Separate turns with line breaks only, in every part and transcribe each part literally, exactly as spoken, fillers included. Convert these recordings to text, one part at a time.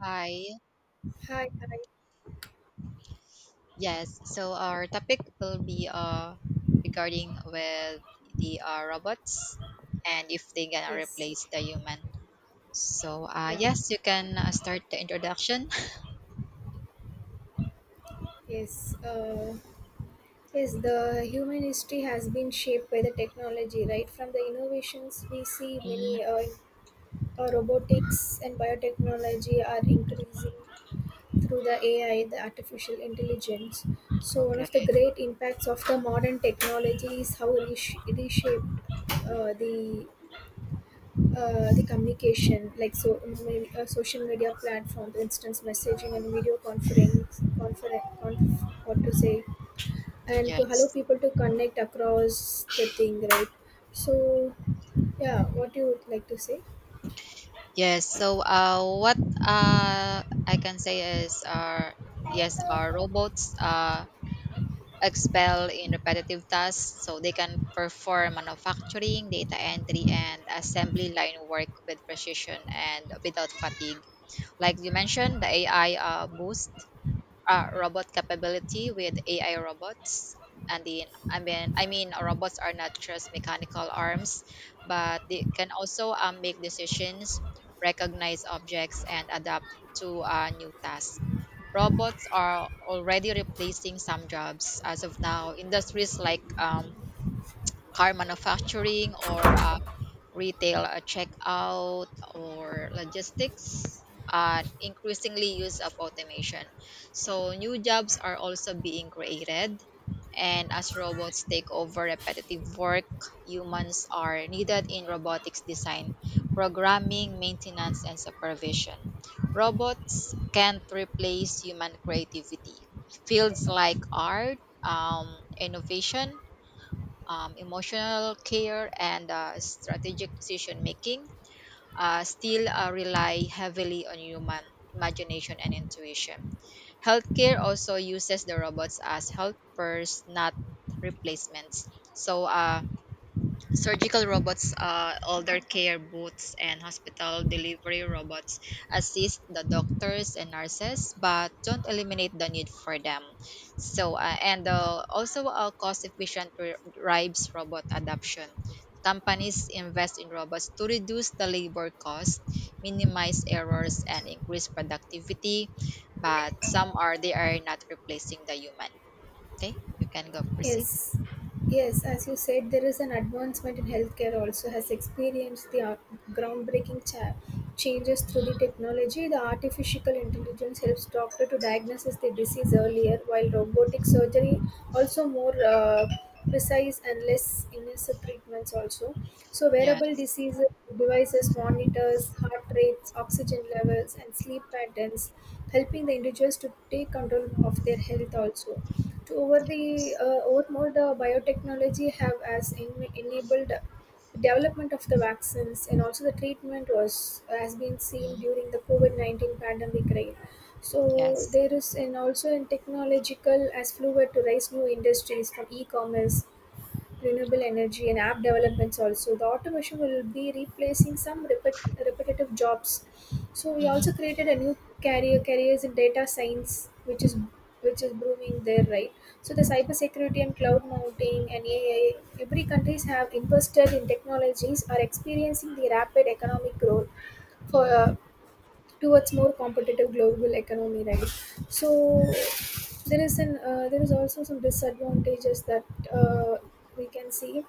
Hi.
Hi, hi.
Yes. So our topic will be uh regarding with the uh, robots and if they gonna
Yes,
replace the human. So uh
yeah,
yes, you can uh, start the introduction.
yes. Uh, yes, the human history has been shaped by the technology, right? From the innovations we see,
Mm,
many uh, uh, robotics and biotechnology are increasing through the A I, the artificial intelligence. So, one of the
okay.
great impacts of the modern technology is how resh- reshaped uh, the uh, the communication, like so maybe, uh, social media platform, for instance messaging and video conference conference conf, what to say, and to allow
Yes.
people to connect across the thing, right? So yeah, what do you would like to say?
Yes. So uh what uh I can say is uh yes, our robots uh excel in repetitive tasks so they can perform manufacturing, data entry, and assembly line work with precision and without fatigue. Like you mentioned, the A I uh, boost uh, robot capability with A I robots. And then, I mean, I mean, robots are not just mechanical arms, but they can also um, make decisions, recognize objects, and adapt to uh, new tasks. Robots are already replacing some jobs as of now. Industries like um, car manufacturing or uh, retail uh, checkout or logistics are increasingly use of automation. So new jobs are also being created, and as robots take over repetitive work, humans are needed in robotics design, programming, maintenance and supervision. Robots can't replace human creativity. Fields like art, um, innovation, um, emotional care, and uh, strategic decision making, uh, still uh, rely heavily on human imagination and intuition. Healthcare also uses the robots as helpers, not replacements. So, uh, surgical robots, uh, elder care booths, and hospital delivery robots assist the doctors and nurses, but don't eliminate the need for them. So, uh, and uh, also a cost-efficient r- drives robot adoption. Companies invest in robots to reduce the labor cost, minimize errors, and increase productivity. But some are they are not replacing the human. Okay, you can go proceed.
Yes, yes, as you said, there is an advancement in healthcare also has experienced the uh, groundbreaking cha- changes through the technology. The artificial intelligence helps doctor to diagnose the disease earlier, while robotic surgery also more uh, precise and less invasive treatments also. So wearable
Yes.
diseases, devices, monitors, heart rates, oxygen levels, and sleep patterns, helping the individuals to take control of their health also, to over the
Yes.
uh, over more, the biotechnology have has en- enabled development of the vaccines and also the treatment was has been seen
Mhm.
during the covid nineteen pandemic, right? So
Yes.
there is, and also in technological as fluid to raise new industries, from e-commerce, renewable energy, and app developments. Also the automation will be replacing some repet- repetitive jobs, so we also
Mhm,
created a new career careers in data science, which is which is booming there, right? So the cybersecurity and cloud mounting and AI, every countries have invested in technologies are experiencing the rapid economic growth, for uh,
mhm,
towards more competitive global economy, right? So there is an uh, there is also some disadvantages that uh, we can see.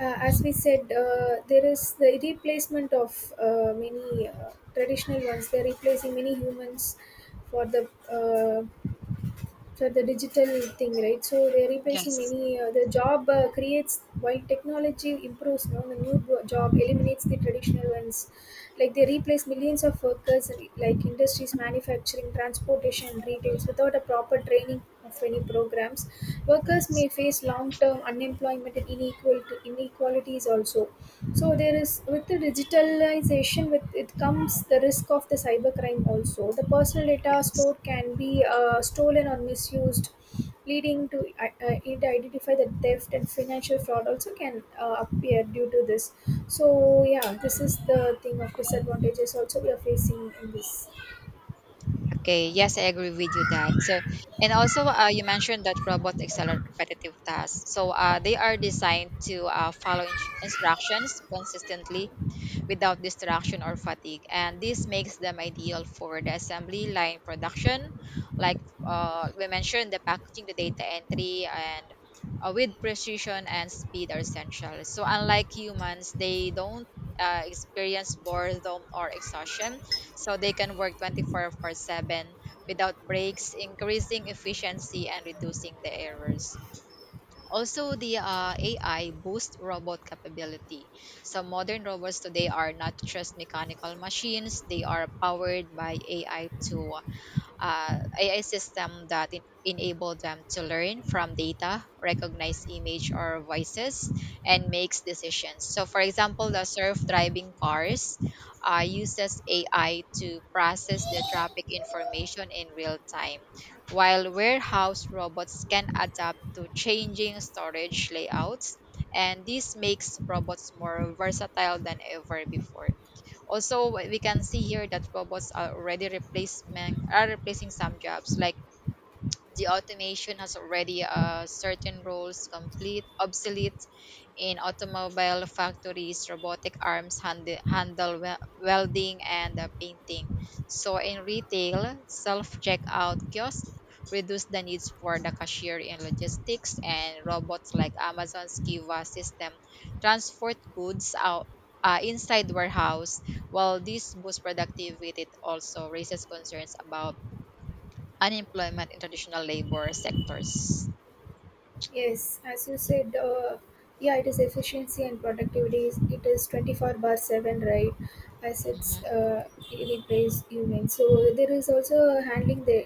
Uh, as we
mhm.
said, uh, there is the replacement of uh, many uh, traditional ones, they're replacing many humans for the uh, for the digital thing, right? So they're replacing
Yes,
many uh, the job, uh, creates while technology improves. Now the new bo- job eliminates the traditional ones, like they replace millions of workers in, like, industries, manufacturing, transportation, and retails. Without a proper training of any programs, workers
yes,
may face long term unemployment and inequality inequalities also. So there is, with the digitalization, with it comes the risk of the cybercrime. Also the personal data
yes.
stored can be uh, stolen or misused, leading to uh, uh, it identify the theft, and financial fraud also can uh, appear due to this. So yeah, this is the thing of disadvantages also we are facing in this.
Okay, yes, I agree with you that. So, and also uh, you mentioned that robots excel at repetitive tasks. So, uh, they are designed to uh, follow in- instructions consistently without distraction or fatigue. And this makes them ideal for the assembly line production, like uh, we mentioned, the packaging, the data entry, and uh, with precision and speed are essential. So, unlike humans, they don't uh, experience boredom or exhaustion, so they can work twenty four seven without breaks, increasing efficiency and reducing the errors. Also, the uh, A I boosts robot capability. So, modern robots today are not just mechanical machines, they are powered by A I to uh, A I system that en- enable them to learn from data, recognize image or voices, and makes decisions. So, for example, the self-driving cars uh, uses A I to process the traffic information in real time, while warehouse robots can adapt to changing storage layouts, and this makes robots more versatile than ever before. Also, we can see here that robots are already replacement are replacing some jobs, like the automation has already uh, certain roles complete obsolete. In automobile factories, robotic arms hand, handle wel- welding and uh, painting. So in retail, self checkout kiosks reduce the needs for the cashier. In logistics, and robots like Amazon's Kiva system transport goods out uh, inside warehouse. While this boosts productivity, it also raises concerns about unemployment in traditional labor sectors.
Yes, as you said, uh, yeah, it is efficiency and productivity. is- It is twenty-four bar seven, right? As it's
Mhm.
uh, it replaces human. So there is also handling the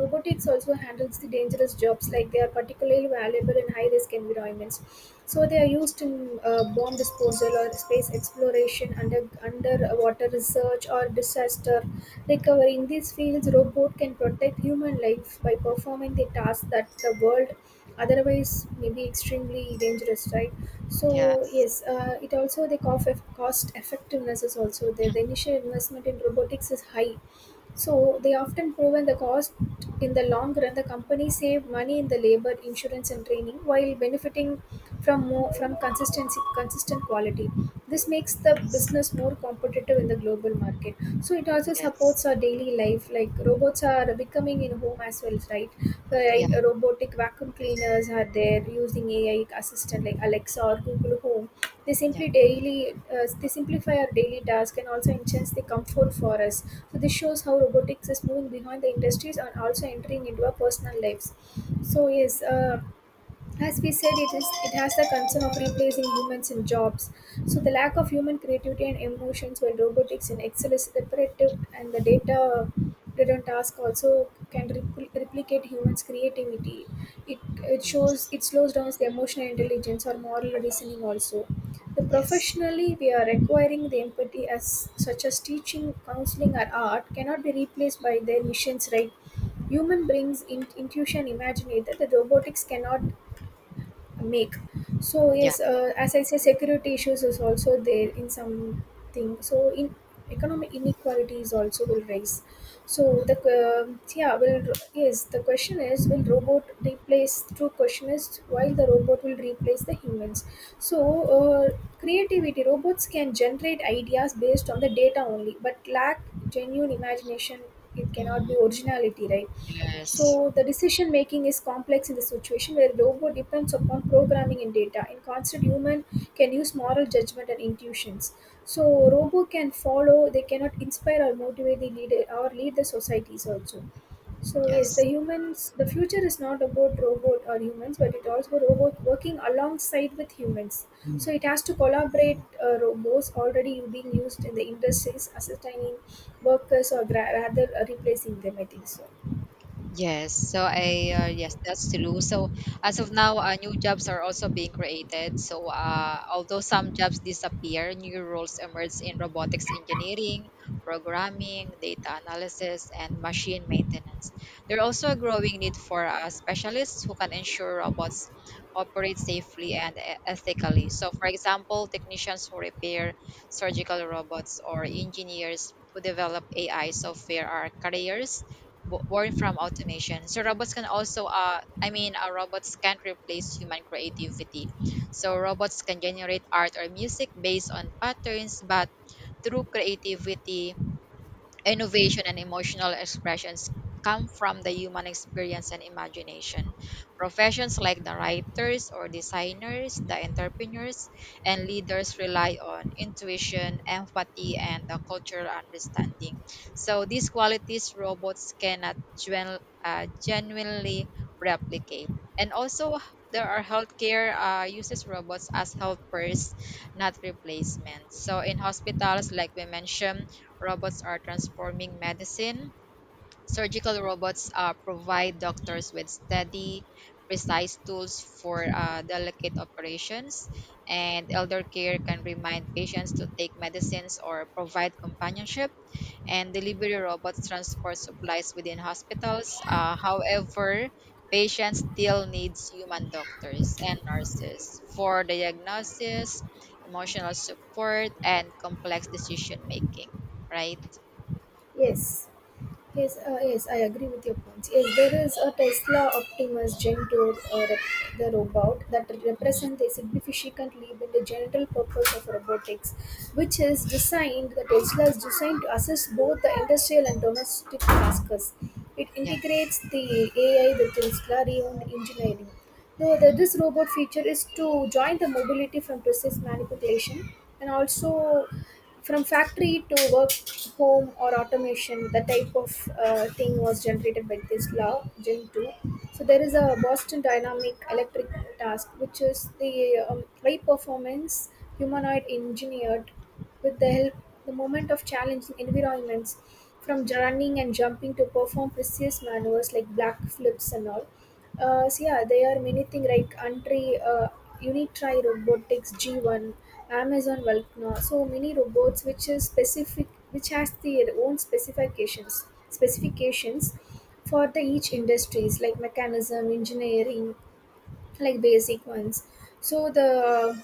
robotics, also handles the dangerous jobs, like they are particularly valuable in high risk environments. So they are used in uh, bomb disposal or space exploration, under underwater research, or disaster recovery. In these fields, robot can protect human life by performing the tasks that the world otherwise maybe extremely dangerous, right? So
Yes.
yes, uh, it also the cost, cost effectiveness is also there. The initial investment in robotics is high, so they often proven the cost. In the long run, the company save money in the labor insurance and training, while benefiting from more from consistency consistent quality. This makes the
Yes.
business more competitive in the global market. So it also
Yes.
supports our daily life, like robots are becoming in home as well, right? uh,
Yeah.
right uh, robotic vacuum cleaners are there, using AI assistant like Alexa or Google Home. they
Yeah.
simply daily uh, they simplify our daily task, and also enhance the comfort for us. So this shows how robotics is moving behind the industries, and also entering into our personal lives. So yes, uh, as we said, it is, it has the concern of replacing humans in jobs. So the lack of human creativity and emotions, while robotics in Excel is repetitive and the data driven task, also can repl- replicate humans' creativity. It it shows
Yes.
it slows down the emotional intelligence or moral reasoning also. The
Yes.
professionally we are requiring the empathy, as such as teaching, counseling, or art, cannot be replaced by their missions, right? Human brings in- intuition, imagination that the robotics cannot make. So
Yeah.
yes, uh, as I say, security issues is also there in something. So in economic inequalities also will rise. So the um yeah will yes the question is, will robot replace? True question is, while the robot will replace the humans. So uh, creativity, robots can generate ideas based on the data only, but lack genuine imagination. It cannot be
Mhm.
originality, right?
Yes.
So the decision making is complex in the situation where robot depends upon programming and data. In constant, human can use moral judgment and intuitions. So robot can follow, they cannot inspire or motivate the leader or lead the societies also. So yes, the
Yes.
humans, the future is not about robot or humans, but it also robot working alongside with humans. Mm. So it has to collaborate. Uh, robots already being used in the industries, assisting workers, or gra- rather uh, replacing them, I think so.
Yes, so I uh, yes, that's true. So as of now, uh, new jobs are also being created. So uh, although some jobs disappear, new roles emerge in robotics engineering, programming, data analysis, and machine maintenance. There's also a growing need for uh, specialists who can ensure robots operate safely and e- ethically. So, for example, technicians who repair surgical robots or engineers who develop A I software are careers bo- born from automation. So robots can also, uh, I mean, uh, robots can't replace human creativity. So robots can generate art or music based on patterns, but through creativity, innovation and emotional expressions come from the human experience and imagination. Professions like the writers or designers, the entrepreneurs, and leaders rely on intuition, empathy, and the cultural understanding. So these qualities robots cannot genu- uh, genuinely replicate. And also, there are healthcare uh, uses robots as helpers, not replacements. So in hospitals, like we mentioned, robots are transforming medicine. Surgical robots uh, provide doctors with steady, precise tools for uh, delicate operations, and elder care can remind patients to take medicines or provide companionship. And delivery robots transport supplies within hospitals. Uh, however, patients still needs human doctors and nurses for diagnosis, emotional support, and complex decision making. Right?
Yes, yes, uh, yes. I agree with your points. Yes, there is a Tesla Optimus Gen two, uh, rep- the robot that represents a significant leap in the general purpose of robotics, which is designed. The Tesla is designed to assist both the industrial and domestic tasks. It
Yeah.
integrates the A I with Tesla reowned engineering. So the, this
Mm.
robot feature is to join the mobility from process manipulation, and also from factory to work home, or automation. The type of uh, thing was generated by this law gen two. So there is a Boston Dynamic Electric task, which is the um, high performance humanoid engineered with the help, the moment of challenging environments, from running and jumping to perform precise maneuvers like black flips and all. Uh, so yeah, there are many things, like Untry, uh, Unitry Robotics G one, Amazon Volcano. So many robots which is specific, which has their own specifications specifications for the each industries, like mechanism, engineering, like basic ones. So the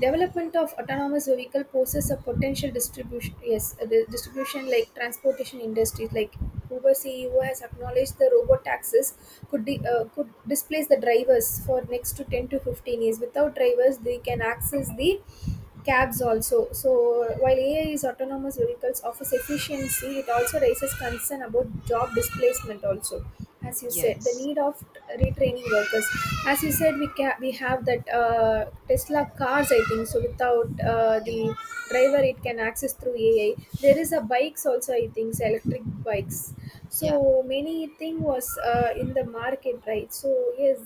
development of autonomous vehicle poses a potential distribution, yes, a di- distribution like transportation industries. Like, Uber CEO has acknowledged the robot taxis could di- uh, could displace the drivers for next to ten to fifteen years. Without drivers, they can access the cabs also. So while A I is autonomous vehicles offers efficiency, it also raises concern about job displacement also. As you said, the
Yes.
need of retraining workers. As you said, we ca- we have that uh, Tesla cars, I think so. Without uh, the
Yeah.
driver, it can access through A I. There is a bikes also, I think so, electric bikes.
Yeah.
So many thing was uh, in the market, right? So yes,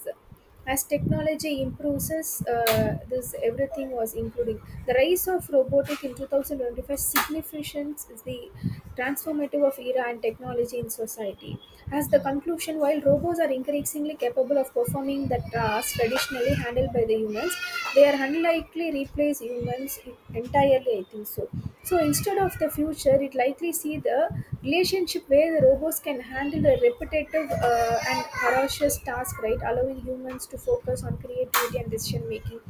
as technology improves, uh, this everything was, including the rise of robotic in two thousand twenty-five, significance is the transformative of era and technology in society. As the
Mm.
conclusion, while robots are increasingly capable of performing the tasks traditionally handled by the humans, they are unlikely replace humans entirely, I think so. So instead of the future, it likely see the relationship where the robots can handle a repetitive uh, and ferocious task, right, allowing humans to focus on creativity and decision making.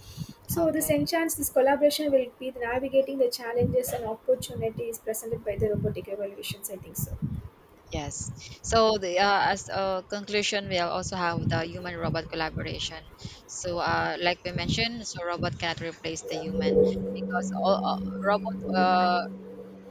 So this
Okay.
enchants, this collaboration will be the navigating the challenges and opportunities presented by the robotic evolutions, I think so.
Yes. So the uh, as a conclusion, we'll also have the human-robot collaboration. So, uh, like we mentioned, so robot cannot replace the human, because all uh, robot uh,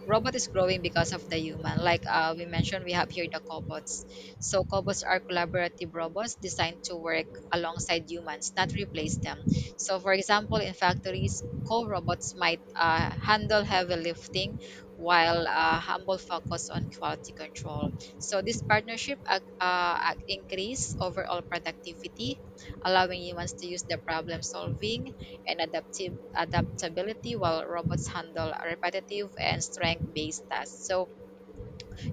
robot is growing because of the human, like uh, we mentioned, we have here the cobots. So cobots are collaborative robots designed to work alongside humans, not replace them. So, for example, in factories co-robots might uh, handle heavy lifting, while uh, humble focus on quality control. So this partnership ac- uh, ac- increase overall productivity, allowing humans to use the problem solving and adaptive adaptability while robots handle repetitive and strength based tasks. So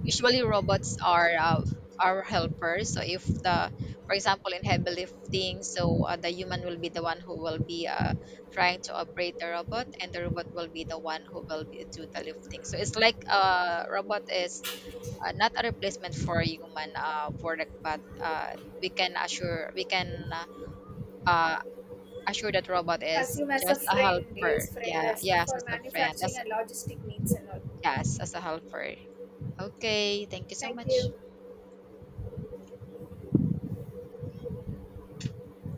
usually robots are uh, our helpers. So if the for example in heavy lifting, so uh, the human will be the one who will be uh, trying to operate the robot, and the robot will be the one who will be, do the lifting. So it's like uh, robot is uh, not a replacement for human uh, work, but uh, we can assure we can uh, uh, assure that robot is
Assume as a
just a
friend,
helper.
yes, friend,
Yeah,
as
yes,
for
as a friend.
manufacturing
As
and logistic needs and all.
Yes, as a helper. Okay, thank you so
Thank
much.
you.